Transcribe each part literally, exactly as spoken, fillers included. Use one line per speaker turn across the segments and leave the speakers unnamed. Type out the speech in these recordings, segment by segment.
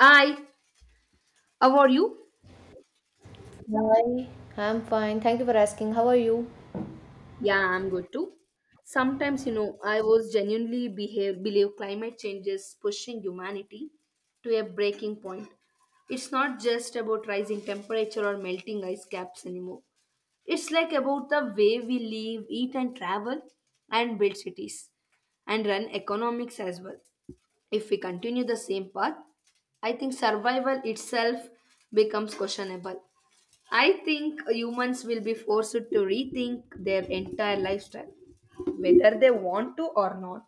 I, how are you?
Hi, I'm fine. Thank you for asking. How are you?
Yeah, I'm good too. Sometimes, you know, I was genuinely behave, believe climate change is pushing humanity to a breaking point. It's not just about rising temperature or melting ice caps anymore. It's like about the way we live, eat, and travel, and build cities, and run economics as well. If we continue the same path, I think survival itself becomes questionable. I think humans will be forced to rethink their entire lifestyle, whether they want to or not.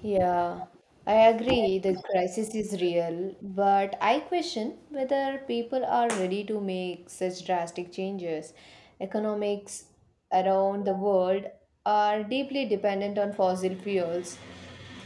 Yeah, I agree the crisis is real, but I question whether people are ready to make such drastic changes. Economics around the world are deeply dependent on fossil fuels,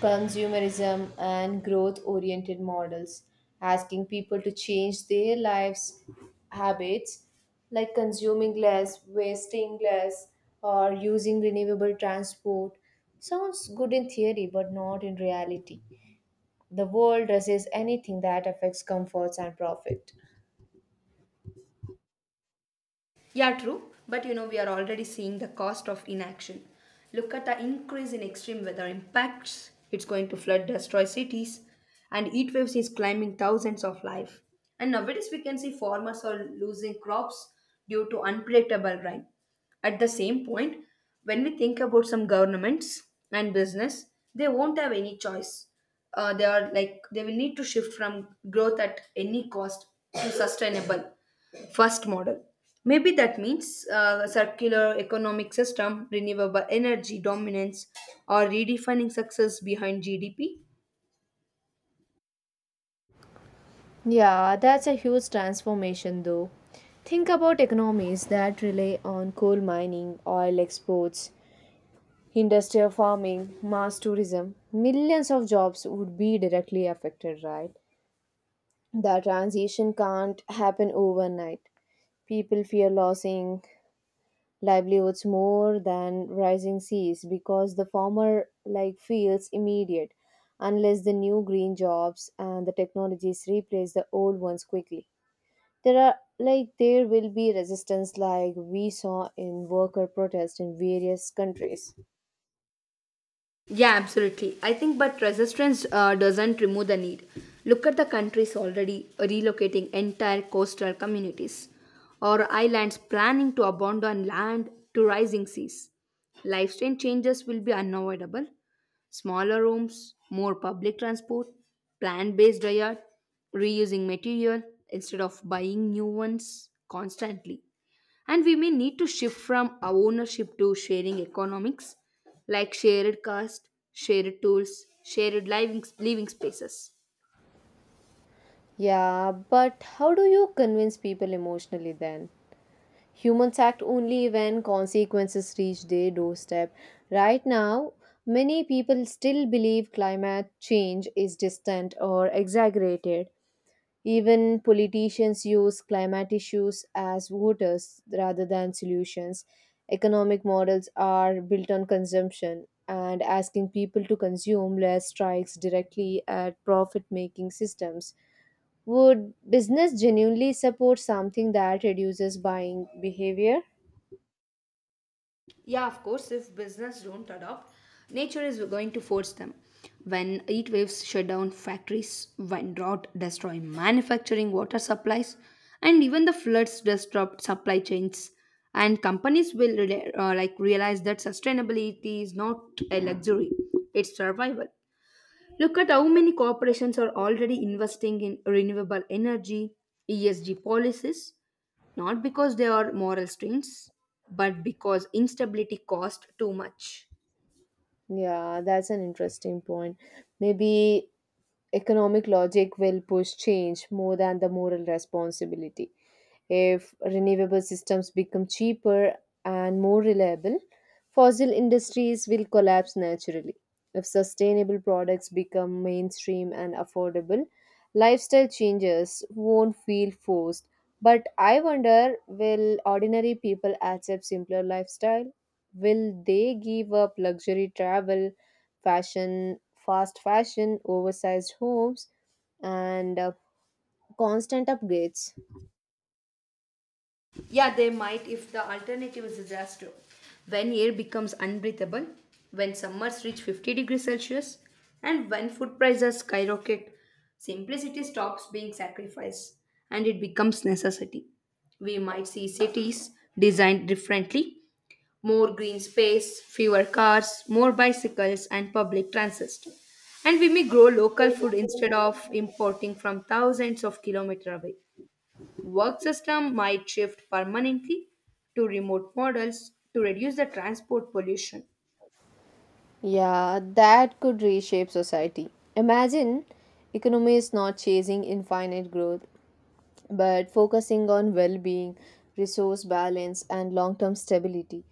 consumerism, and growth oriented models. Asking people to change their lives habits like consuming less, wasting less, or using renewable transport sounds good in theory, but not in reality. The world resists anything that affects comforts and profit.
Yeah, true. But you know, we are already seeing the cost of inaction. Look at the increase in extreme weather impacts. It's going to flood, destroy cities, and heat waves is claiming thousands of life. And nowadays, we can see farmers are losing crops due to unpredictable rain. At the same point, when we think about some governments and business, they won't have any choice. Uh, they are like they will need to shift from growth at any cost to sustainable. First model. Maybe that means uh, circular economic system, renewable energy dominance, or redefining success behind G D P.
Yeah, that's a huge transformation, though. Think about economies that rely on coal mining, oil exports, industrial farming, mass tourism. Millions of jobs would be directly affected, right? The transition can't happen overnight. People fear losing livelihoods more than rising seas because the former like feels immediate unless the new green jobs and the technologies replace the old ones quickly, there are like there will be resistance like we saw in worker protest in various countries.
Yeah, absolutely. I think, but resistance uh, doesn't remove the need. Look at the countries already relocating entire coastal communities, or islands planning to abandon land to rising seas. Lifestyle changes will be unavoidable. Smaller rooms, more public transport, plant based diet, reusing material instead of buying new ones constantly. And we may need to shift from ownership to sharing economics like shared cost, shared tools, shared living, living spaces.
Yeah, but how do you convince people emotionally then? Humans act only when consequences reach their doorstep. Right now, many people still believe climate change is distant or exaggerated. Even politicians use climate issues as voters rather than solutions. Economic models are built on consumption, and asking people to consume less strikes directly at profit making systems. Would business genuinely support something that reduces buying behavior?
Yeah, of course, if business don't adopt, nature is going to force them. When heat waves shut down factories, when drought destroy manufacturing water supplies, and even the floods disrupt supply chains, and companies will rela- uh, like realize that sustainability is not a luxury; it's survival. Look at how many corporations are already investing in renewable energy, E S G policies, not because they are moral strains, but because instability costs too much.
Yeah, that's an interesting point. Maybe economic logic will push change more than the moral responsibility. If renewable systems become cheaper and more reliable, fossil industries will collapse naturally. If sustainable products become mainstream and affordable, lifestyle changes won't feel forced. But I wonder, will ordinary people accept simpler lifestyle? Will they give up luxury travel, fashion, fast fashion, oversized homes, and uh, constant upgrades?
Yeah, they might if the alternative is disaster. When air becomes unbreathable, when summers reach fifty degrees Celsius, and when food prices skyrocket, simplicity stops being sacrifice and it becomes necessity. We might see cities designed differently, more green space, fewer cars, more bicycles, and public transit. And we may grow local food instead of importing from thousands of kilometers away. Work system might shift permanently to remote models to reduce the transport pollution.
Yeah, that could reshape society. Imagine economy is not chasing infinite growth, but focusing on well being, resource balance, and long term stability.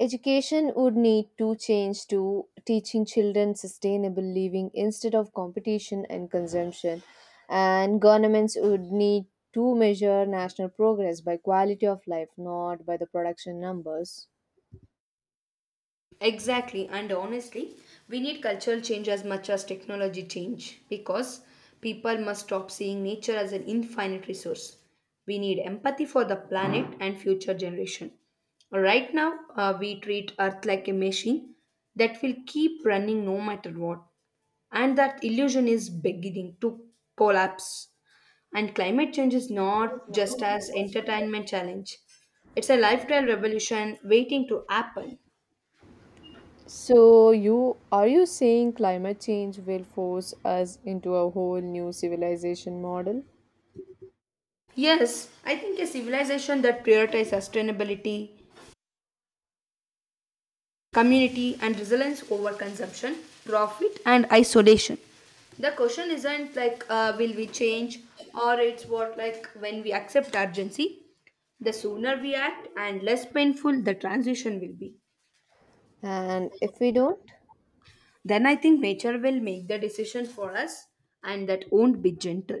Education would need to change to teaching children sustainable living instead of competition and consumption. And governments would need to measure national progress by quality of life, not by the production numbers.
Exactly, and honestly, we need cultural change as much as technology change because people must stop seeing nature as an infinite resource. We need empathy for the planet and future generation. Right now, uh, we treat Earth like a machine that will keep running no matter what, and that illusion is beginning to collapse. And climate change is not just as entertainment challenge; it's a lifestyle revolution waiting to happen.
So you are you saying climate change will force us into a whole new civilization model?
Yes, I think a civilization that prioritizes sustainability, community, and resilience over consumption, profit, and isolation. The question isn't like uh, will we change, or it's what like when we accept urgency, the sooner we act and less painful the transition will be.
And if we don't?
Then I think nature will make the decision for us, and that won't be gentle.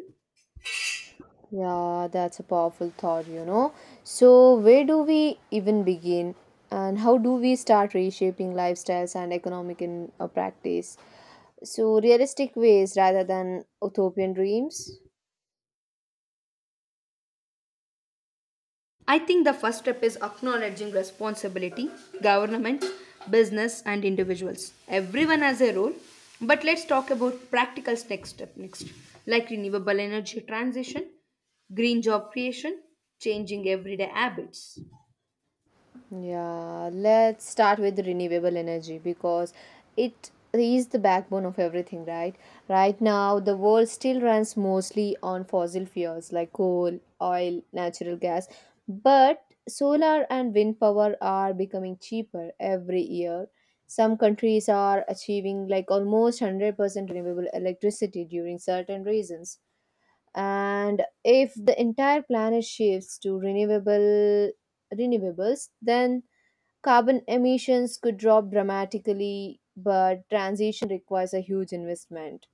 Yeah, that's a powerful thought, you know. So where do we even begin? And how do we start reshaping lifestyles and economic in uh, practice? So realistic ways rather than utopian dreams?
I think the first step is acknowledging responsibility, government, business, and individuals. Everyone has a role, but let's talk about practical next step next, like renewable energy transition, green job creation, changing everyday habits.
Yeah, let's start with renewable energy because it is the backbone of everything, right? Right now, the world still runs mostly on fossil fuels like coal, oil, natural gas, but solar and wind power are becoming cheaper every year. Some countries are achieving like almost one hundred percent renewable electricity during certain reasons. And if the entire planet shifts to renewable renewables, then carbon emissions could drop dramatically, but transition requires a huge investment.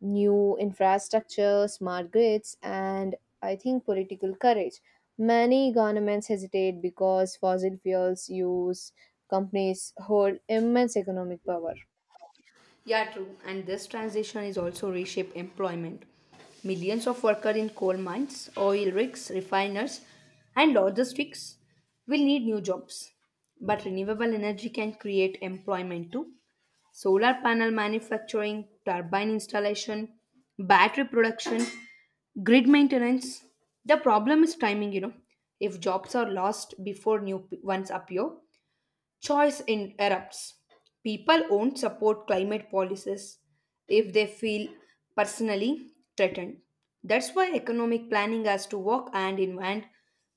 New infrastructure, smart grids, and I think political courage. Many governments hesitate because fossil fuels use companies hold immense economic power.
Yeah, true. And this transition is also reshape employment. Millions of workers in coal mines, oil rigs, refiners, and logistics will need new jobs. But renewable energy can create employment too. Solar panel manufacturing, turbine installation, battery production, grid maintenance. The problem is timing, you know. If jobs are lost before new p- ones appear, Choice in- erupts. People won't support climate policies if they feel personally threatened. That's why economic planning has to work hand in hand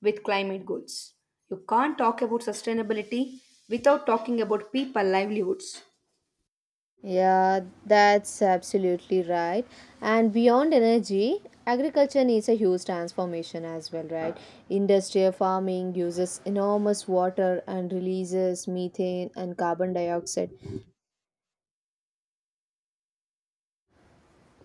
with climate goals. You can't talk about sustainability without talking about people livelihoods.
Yeah, that's absolutely right. And beyond energy, agriculture needs a huge transformation as well, right? Industrial farming uses enormous water and releases methane and carbon dioxide.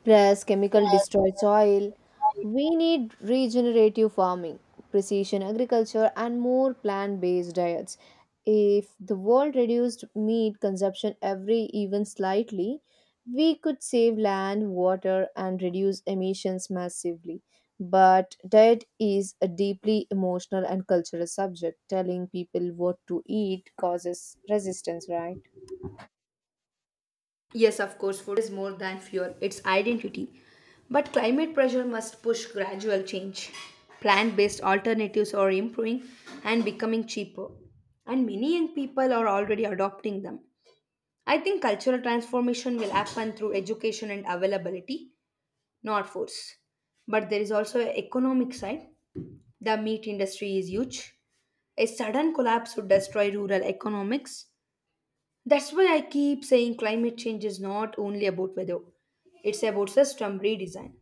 Plus, chemical destroy soil. We need regenerative farming, precision agriculture, and more plant based diets. If the world reduced meat consumption every even slightly, we could save land, water, and reduce emissions massively. But diet is a deeply emotional and cultural subject. Telling people what to eat causes resistance, right?
Yes, of course, food is more than fuel, it's identity. But climate pressure must push gradual change. Plant based alternatives are improving and becoming cheaper. And many young people are already adopting them. I think cultural transformation will happen through education and availability, not force. But there is also an economic side. The meat industry is huge. A sudden collapse would destroy rural economics. That's why I keep saying climate change is not only about weather, it's about system redesign.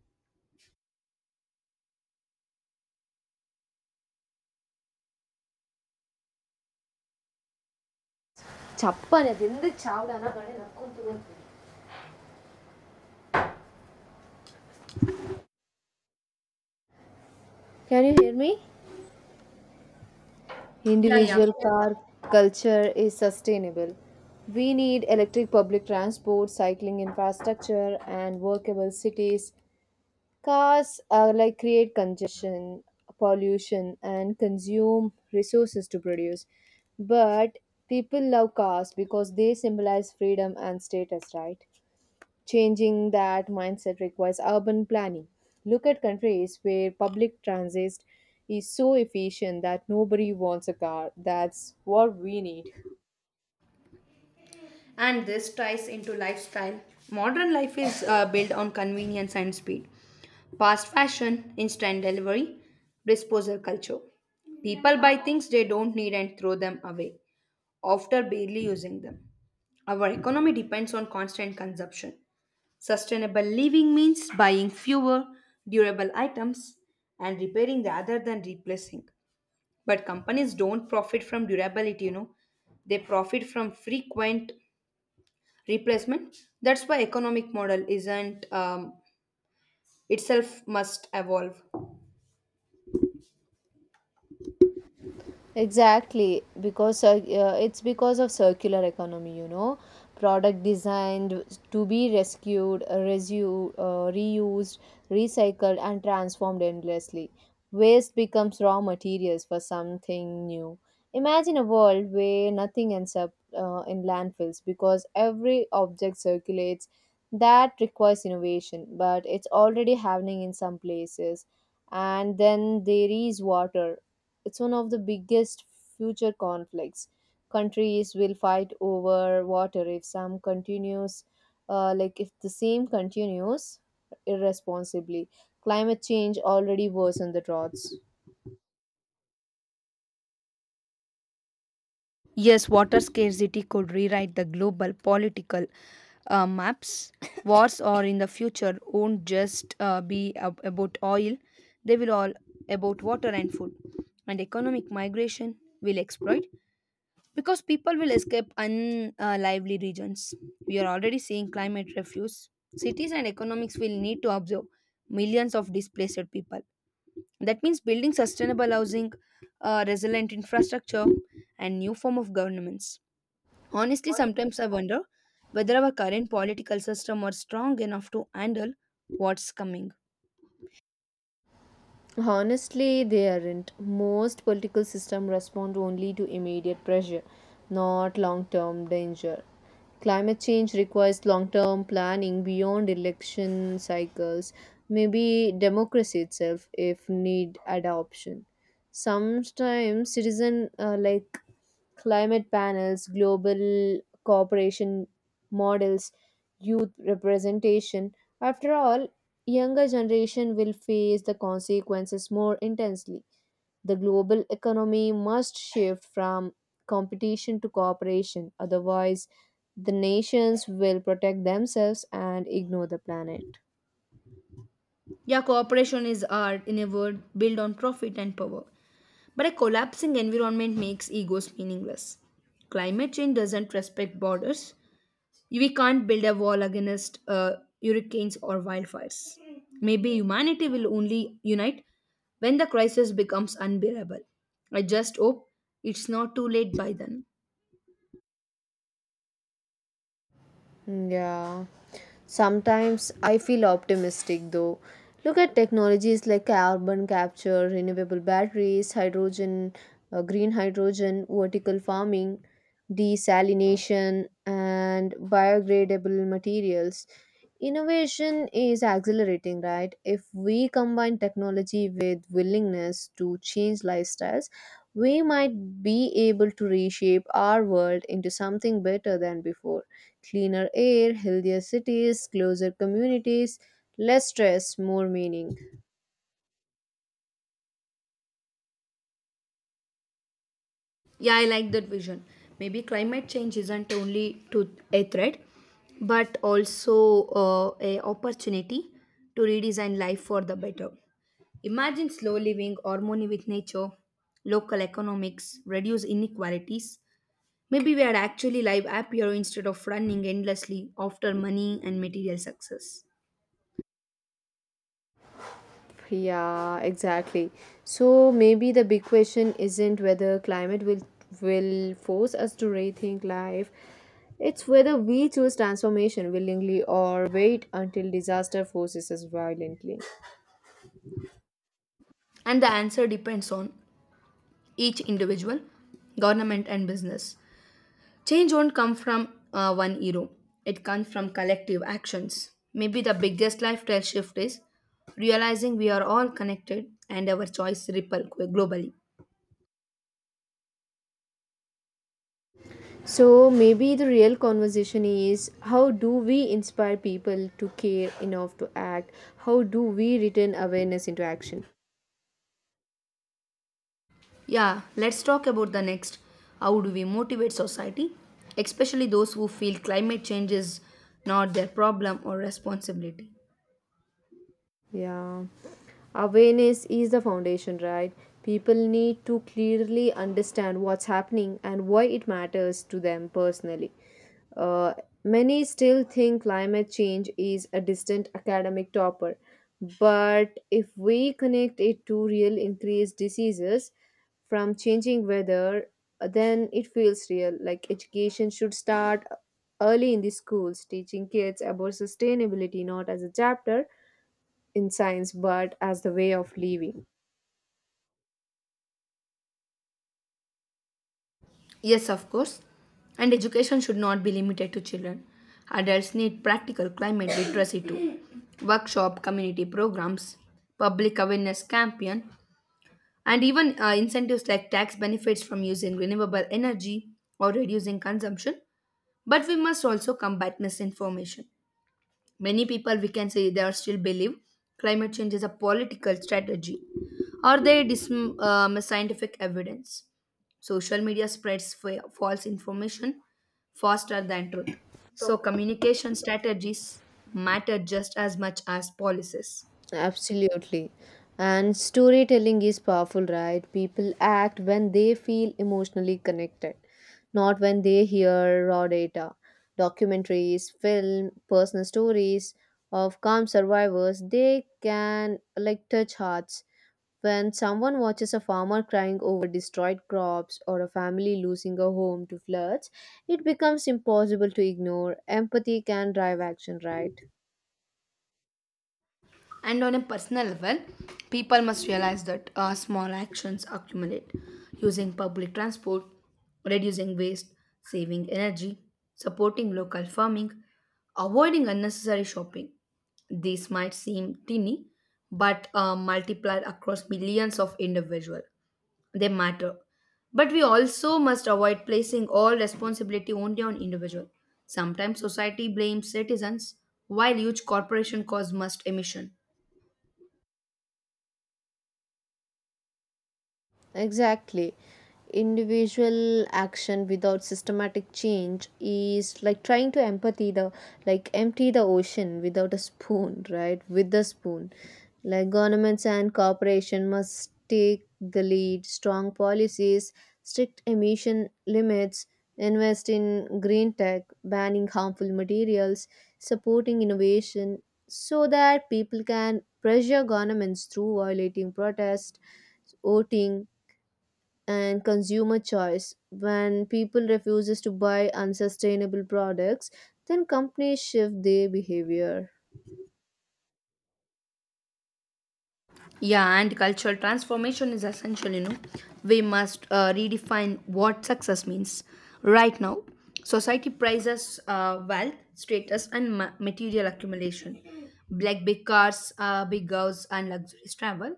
Chappan, ಅದೆಂದ ಚಾವ್ಡಾನ ಗಣೆ ನಕ್ಕೊಂತ ಹೋಗ್ತೀನಿ. Can you hear me?
Yeah, yeah.
Individual car culture is sustainable. We need electric public transport, cycling infrastructure, and workable cities. Cars are like create congestion, pollution, and consume resources to produce. But people love cars because they symbolize freedom and status, right? Changing that mindset requires urban planning. Look at countries where public transit is so efficient that nobody wants a car. That's what we need.
And this ties into lifestyle. Modern life is uh, built on convenience and speed, fast fashion, instant delivery, disposal culture. People buy things they don't need and throw them away after barely using them. Our economy depends on constant consumption. Sustainable living means buying fewer durable items and repairing rather than replacing. But companies don't profit from durability, you know. They profit from frequent replacement. That's why economic model isn't um, itself must evolve.
Exactly, because cir- uh, it's because of circular economy, you know, product designed to be rescued, uh, resu- uh, reused, recycled, and transformed endlessly. Waste becomes raw materials for something new. Imagine a world where nothing ends up uh, in landfills because every object circulates. That requires innovation, but it's already happening in some places. And then there is water, it's one of the biggest future conflicts. Countries will fight over water if some continues uh, like if the same continues irresponsibly. Climate change already worsened the droughts.
Yes, water scarcity could rewrite the global political uh, maps. Wars or in the future won't just uh, be ab- about oil, they will all about water and food. And economic migration will exploit because people will escape unlively regions. We are already seeing climate refuse. Cities and economics will need to absorb millions of displaced people. That means building sustainable housing, uh, resilient infrastructure, and new form of governments. Honestly, sometimes I wonder whether our current political system are strong enough to handle what's coming.
Honestly, they aren't. Most political systems respond only to immediate pressure, not long term danger. Climate change requires long term planning beyond election cycles, maybe democracy itself, if need adoption. Sometimes citizen uh, like climate panels, global cooperation models, youth representation. After all, younger generation will face the consequences more intensely. The global economy must shift from competition to cooperation, otherwise, the nations will protect themselves and ignore the planet.
Yeah, cooperation is art, in a word, built on profit and power. But a collapsing environment makes egos meaningless. Climate change doesn't respect borders. We can't build a wall against uh, hurricanes or wildfires. Maybe humanity will only unite when the crisis becomes unbearable. I just hope it's not too late by then.
Yeah. Sometimes I feel optimistic though. Look at technologies like carbon capture, renewable batteries, hydrogen, uh, green hydrogen, vertical farming, desalination, and biodegradable materials. Innovation is accelerating, right? If we combine technology with willingness to change lifestyles, we might be able to reshape our world into something better than before. Cleaner air, healthier cities, closer communities, less stress, more meaning.
Yeah, I like that vision. Maybe climate change isn't only to a threat, but also uh, a opportunity to redesign life for the better. Imagine slow living, harmony with nature, local economics, reduce inequalities. Maybe we are actually live happier instead of running endlessly after money and material success.
Yeah, exactly. So maybe the big question isn't whether climate will will force us to rethink life. It's whether we choose transformation willingly or wait until disaster forces us violently.
And the answer depends on each individual, government, and business. Change won't come from uh, one hero. It comes from collective actions. Maybe the biggest lifestyle shift is realizing we are all connected and our choice ripple globally.
So maybe the real conversation is, how do we inspire people to care enough to act? How do we return awareness into action?
Yeah, let's talk about the next. How do we motivate society, especially those who feel climate change is not their problem or responsibility?
Yeah. Awareness is the foundation, right? People need to clearly understand what's happening and why it matters to them personally. Uh, Many still think climate change is a distant academic topper, but if we connect it to real increased diseases from changing weather, then it feels real. Like education should start early in the schools, teaching kids about sustainability not as a chapter in science but as the way of living.
Yes, of course. And education should not be limited to children. Adults need practical climate literacy too. Workshop, community programs, public awareness campaign, and even uh, incentives like tax benefits from using renewable energy or reducing consumption. But we must also combat misinformation. Many people, we can say, they are still believe climate change is a political strategy or they dismiss um, scientific evidence. Social media spreads fa- false information faster than truth. So, communication strategies matter just as much as policies.
Absolutely. And storytelling is powerful, right? People act when they feel emotionally connected, not when they hear raw data. Documentaries, film, personal stories of calm survivors, they can like touch hearts. When someone watches a farmer crying over destroyed crops or a family losing a home to floods, it becomes impossible to ignore. Empathy can drive action, right?
And on a personal level, people must realize that uh, small actions accumulate. Using public transport, reducing waste, saving energy, supporting local farming, avoiding unnecessary shopping. These might seem tiny, but uh, multiplied across millions of individuals, they matter. But we also must avoid placing all responsibility only on individual. Sometimes society blames citizens while huge corporation cause must emission.
Exactly. Individual action without systematic change is like trying to empathy the like empty the ocean without a spoon, right? With the spoon. Like governments and corporation must take the lead, strong policies, strict emission limits, invest in green tech, banning harmful materials, supporting innovation so that people can pressure governments through violating protest, voting and consumer choice. When people refuses to buy unsustainable products, then companies shift their behavior.
Yeah, and cultural transformation is essential, you know. We must uh, redefine what success means. Right now, society prizes uh, wealth, status, and ma- material accumulation, like big cars, uh, big girls, and luxurious travel.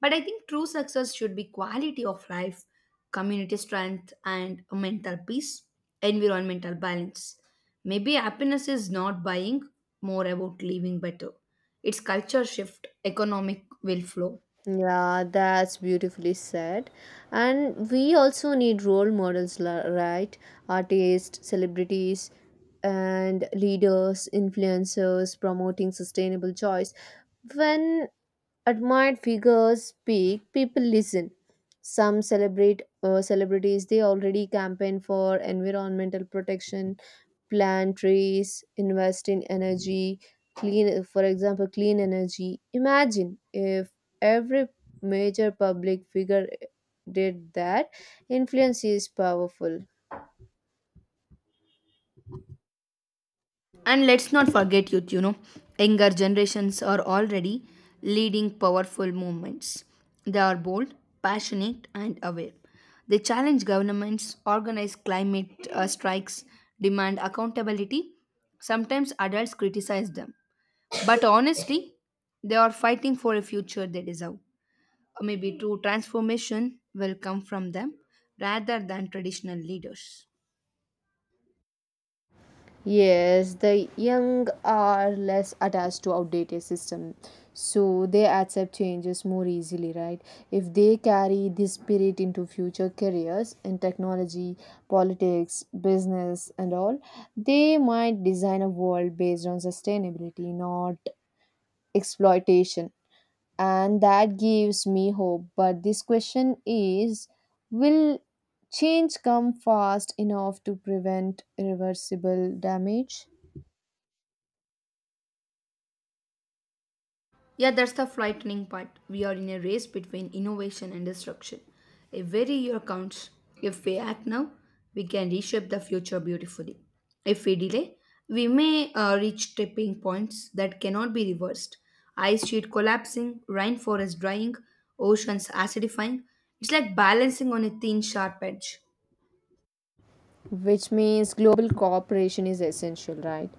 But I think true success should be quality of life, community strength, and mental peace, environmental balance. Maybe happiness is not buying, more about living better its culture shift, economic will flow.
Yeah, that's beautifully said. And we also need role models, la- right? Artists, celebrities, and leaders, influencers promoting sustainable choice. When admired figures speak, people listen. Some celebrate uh, celebrities. They already campaign for environmental protection, plant trees, invest in energy, clean. For example, clean energy. Imagine if every major public figure did that. Influence is powerful.
And let's not forget youth, you know, younger generations are already leading powerful movements. They are bold, passionate, and aware. They challenge governments, organize climate uh, strikes, demand accountability. Sometimes adults criticize them. But honestly, they are fighting for a future they deserve. Maybe true transformation will come from them rather than traditional leaders.
Yes, the young are less attached to outdated system, so they accept changes more easily, right? If they carry this spirit into future careers in technology, politics, business, and all, they might design a world based on sustainability, not exploitation. And that gives me hope. But this question is, will change come fast enough to prevent irreversible damage?
Yeah, that's the frightening part. We are in a race between innovation and destruction. Every year counts. If we act now, we can reshape the future beautifully. If we delay, we may uh, reach tipping points that cannot be reversed. Ice sheet collapsing, rainforest drying, oceans acidifying. It's like balancing on a thin, sharp edge.
Which means global cooperation is essential, right?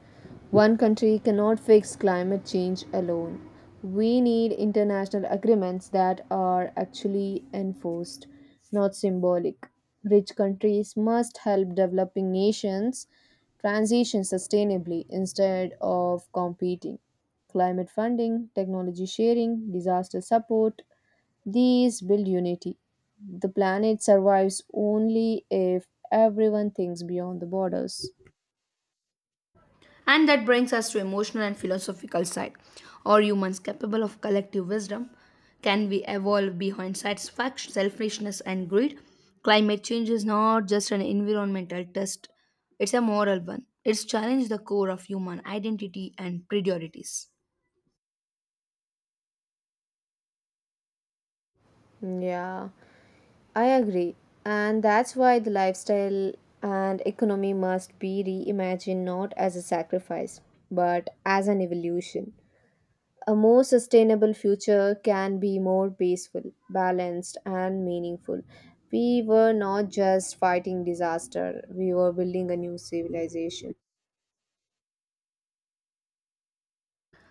One country cannot fix climate change alone. We need international agreements that are actually enforced, not symbolic. Rich countries must help developing nations transition sustainably instead of competing. Climate funding, technology sharing, disaster support, these build unity. The planet survives only if everyone thinks beyond the borders.
And that brings us to emotional and philosophical side. Are humans capable of collective wisdom? Can we evolve behind satisfaction, selfishness, and greed? Climate change is not just an environmental test, it's a moral one. It's challenged the core of human identity and priorities.
Yeah, I agree. And that's why the lifestyle and economy must be reimagined not as a sacrifice, but as an evolution. A more sustainable future can be more peaceful, balanced, and meaningful. We were not just fighting disaster, we were building a new civilization.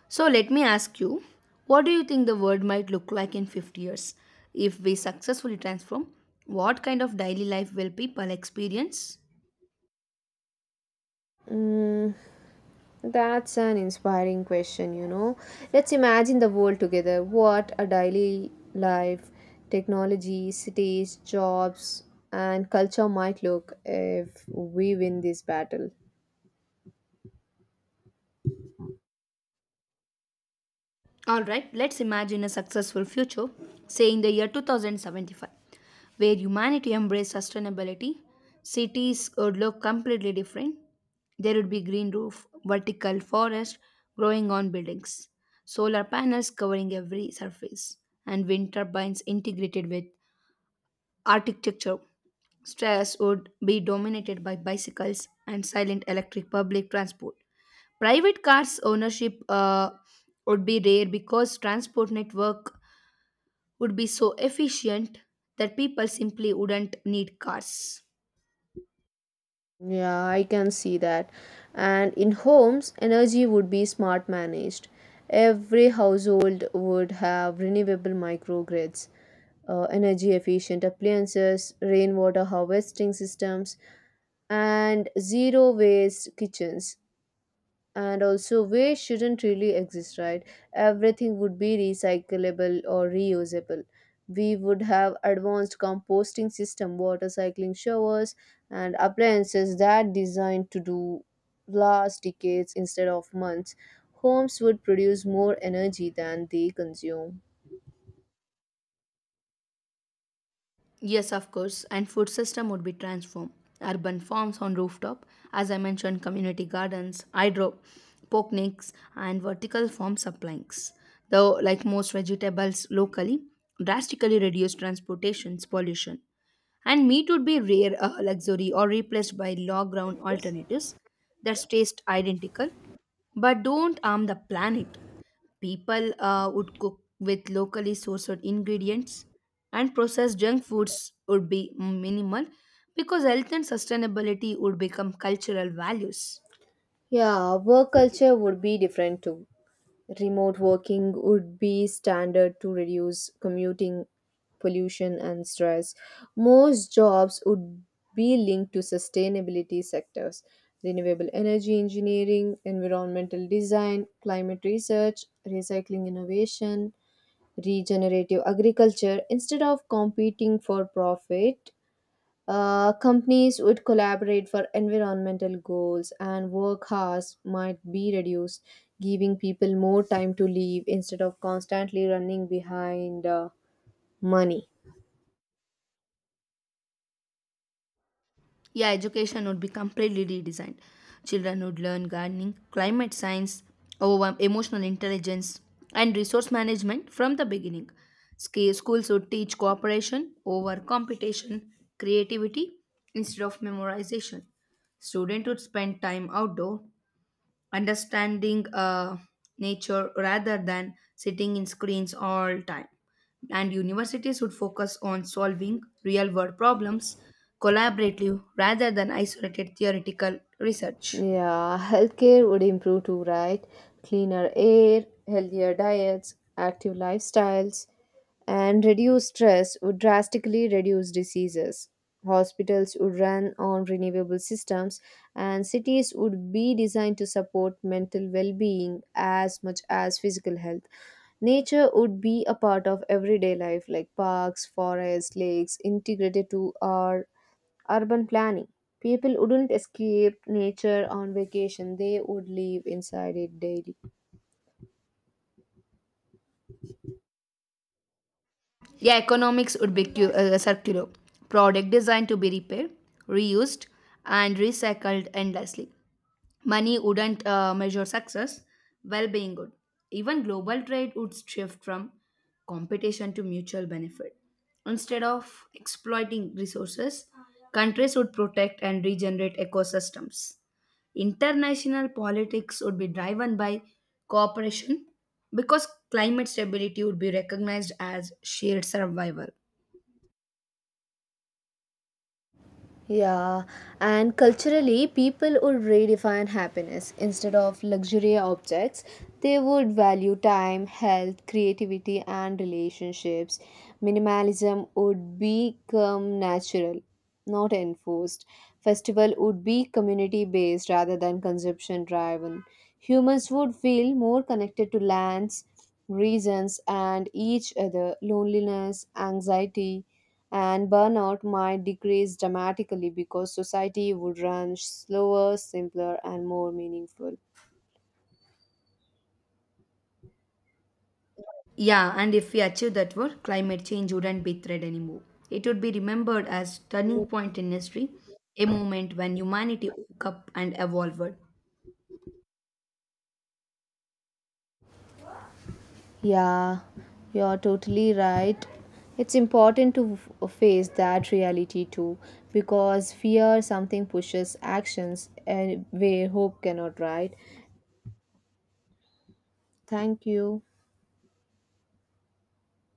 So, let me ask you what do you think the world might look like in fifty years? If we successfully transform, what kind of daily life will people experience?
That's an inspiring question, you know. Let's imagine the world together. What a daily life, technology, cities, jobs, and culture might look if we win this battle.
All right, let's imagine a successful future, say in the year two thousand seventy-five, where humanity embraced sustainability. Cities would look completely different. There would be green roof, vertical forest growing on buildings, solar panels covering every surface, and wind turbines integrated with architecture. Stress would be dominated by bicycles and silent electric public transport. Private cars ownership uh, would be rare because transport network would be so efficient that people simply wouldn't need cars.
Yeah, I can see that. And in homes, energy would be smart managed. Every household would have renewable microgrids, uh, energy efficient appliances, rainwater harvesting systems, and zero waste kitchens. And also waste shouldn't really exist, right? Everything would be recyclable or reusable. We would have advanced composting system, water cycling showers, and appliances that designed to do last decades instead of months. Homes would produce more energy than they consume.
Yes, of course, and food system would be transformed. Urban farms on rooftop, as I mentioned, community gardens, hydroponics, and vertical farm supplies. Though, like most vegetables locally, drastically reduce transportation's pollution. And meat would be rare a luxury or replaced by low ground alternatives that taste identical but don't harm the planet. People uh, would cook with locally sourced ingredients and processed junk foods would be minimal because health and sustainability would become cultural values.
Yeah, work culture would be different too. Remote working would be standard to reduce commuting, pollution, and stress. Most jobs would be linked to sustainability sectors, renewable energy engineering, environmental design, climate research, recycling innovation, regenerative agriculture. Instead of competing for profit, uh, companies would collaborate for environmental goals, and work hours might be reduced, giving people more time to leave instead of constantly running behind uh, money.
Yeah, education would be completely redesigned. Children would learn gardening, climate science, over- emotional intelligence, and resource management from the beginning. Sca- Schools would teach cooperation over competition, creativity instead of memorization. Students would spend time outdoor understanding uh, nature rather than sitting in screens all time and universities should focus on solving real world problems collaboratively rather than isolated theoretical research.
Yeah, healthcare would improve too, right? Cleaner air, healthier diets, active lifestyles, and reduced stress would drastically reduce diseases. Hospitals would run on renewable systems, and cities would be designed to support mental well being as much as physical health. Nature would be a part of everyday life, like parks, forests, lakes, integrated to our urban planning. People wouldn't escape nature on vacation, they would live inside it daily.
Yeah, economics would be cu- uh, circular product designed to be repaired reused and recycled endlessly. Money wouldn't uh, measure success, well being would. Even global trade would shift from competition to mutual benefit. Instead of exploiting resources, countries would protect and regenerate ecosystems. International politics would be driven by cooperation because climate stability would be recognized as shared survival.
Yeah, and culturally, people would redefine happiness. Instead of luxury objects, they would value time, health, creativity, and relationships. Minimalism would become natural, not enforced. Festival would be community based rather than consumption driven. Humans would feel more connected to lands, reasons, and each other. Loneliness, anxiety, and burnout might decrease dramatically because society would run slower, simpler, and more meaningful.
Yeah, and if we achieve that work, climate change wouldn't be a threat anymore. It would be remembered as turning point in history, a moment when humanity woke up and evolved.
Yeah, you're totally right. It's important to f- face that reality too, because fear something pushes actions and where hope cannot, right? Thank you.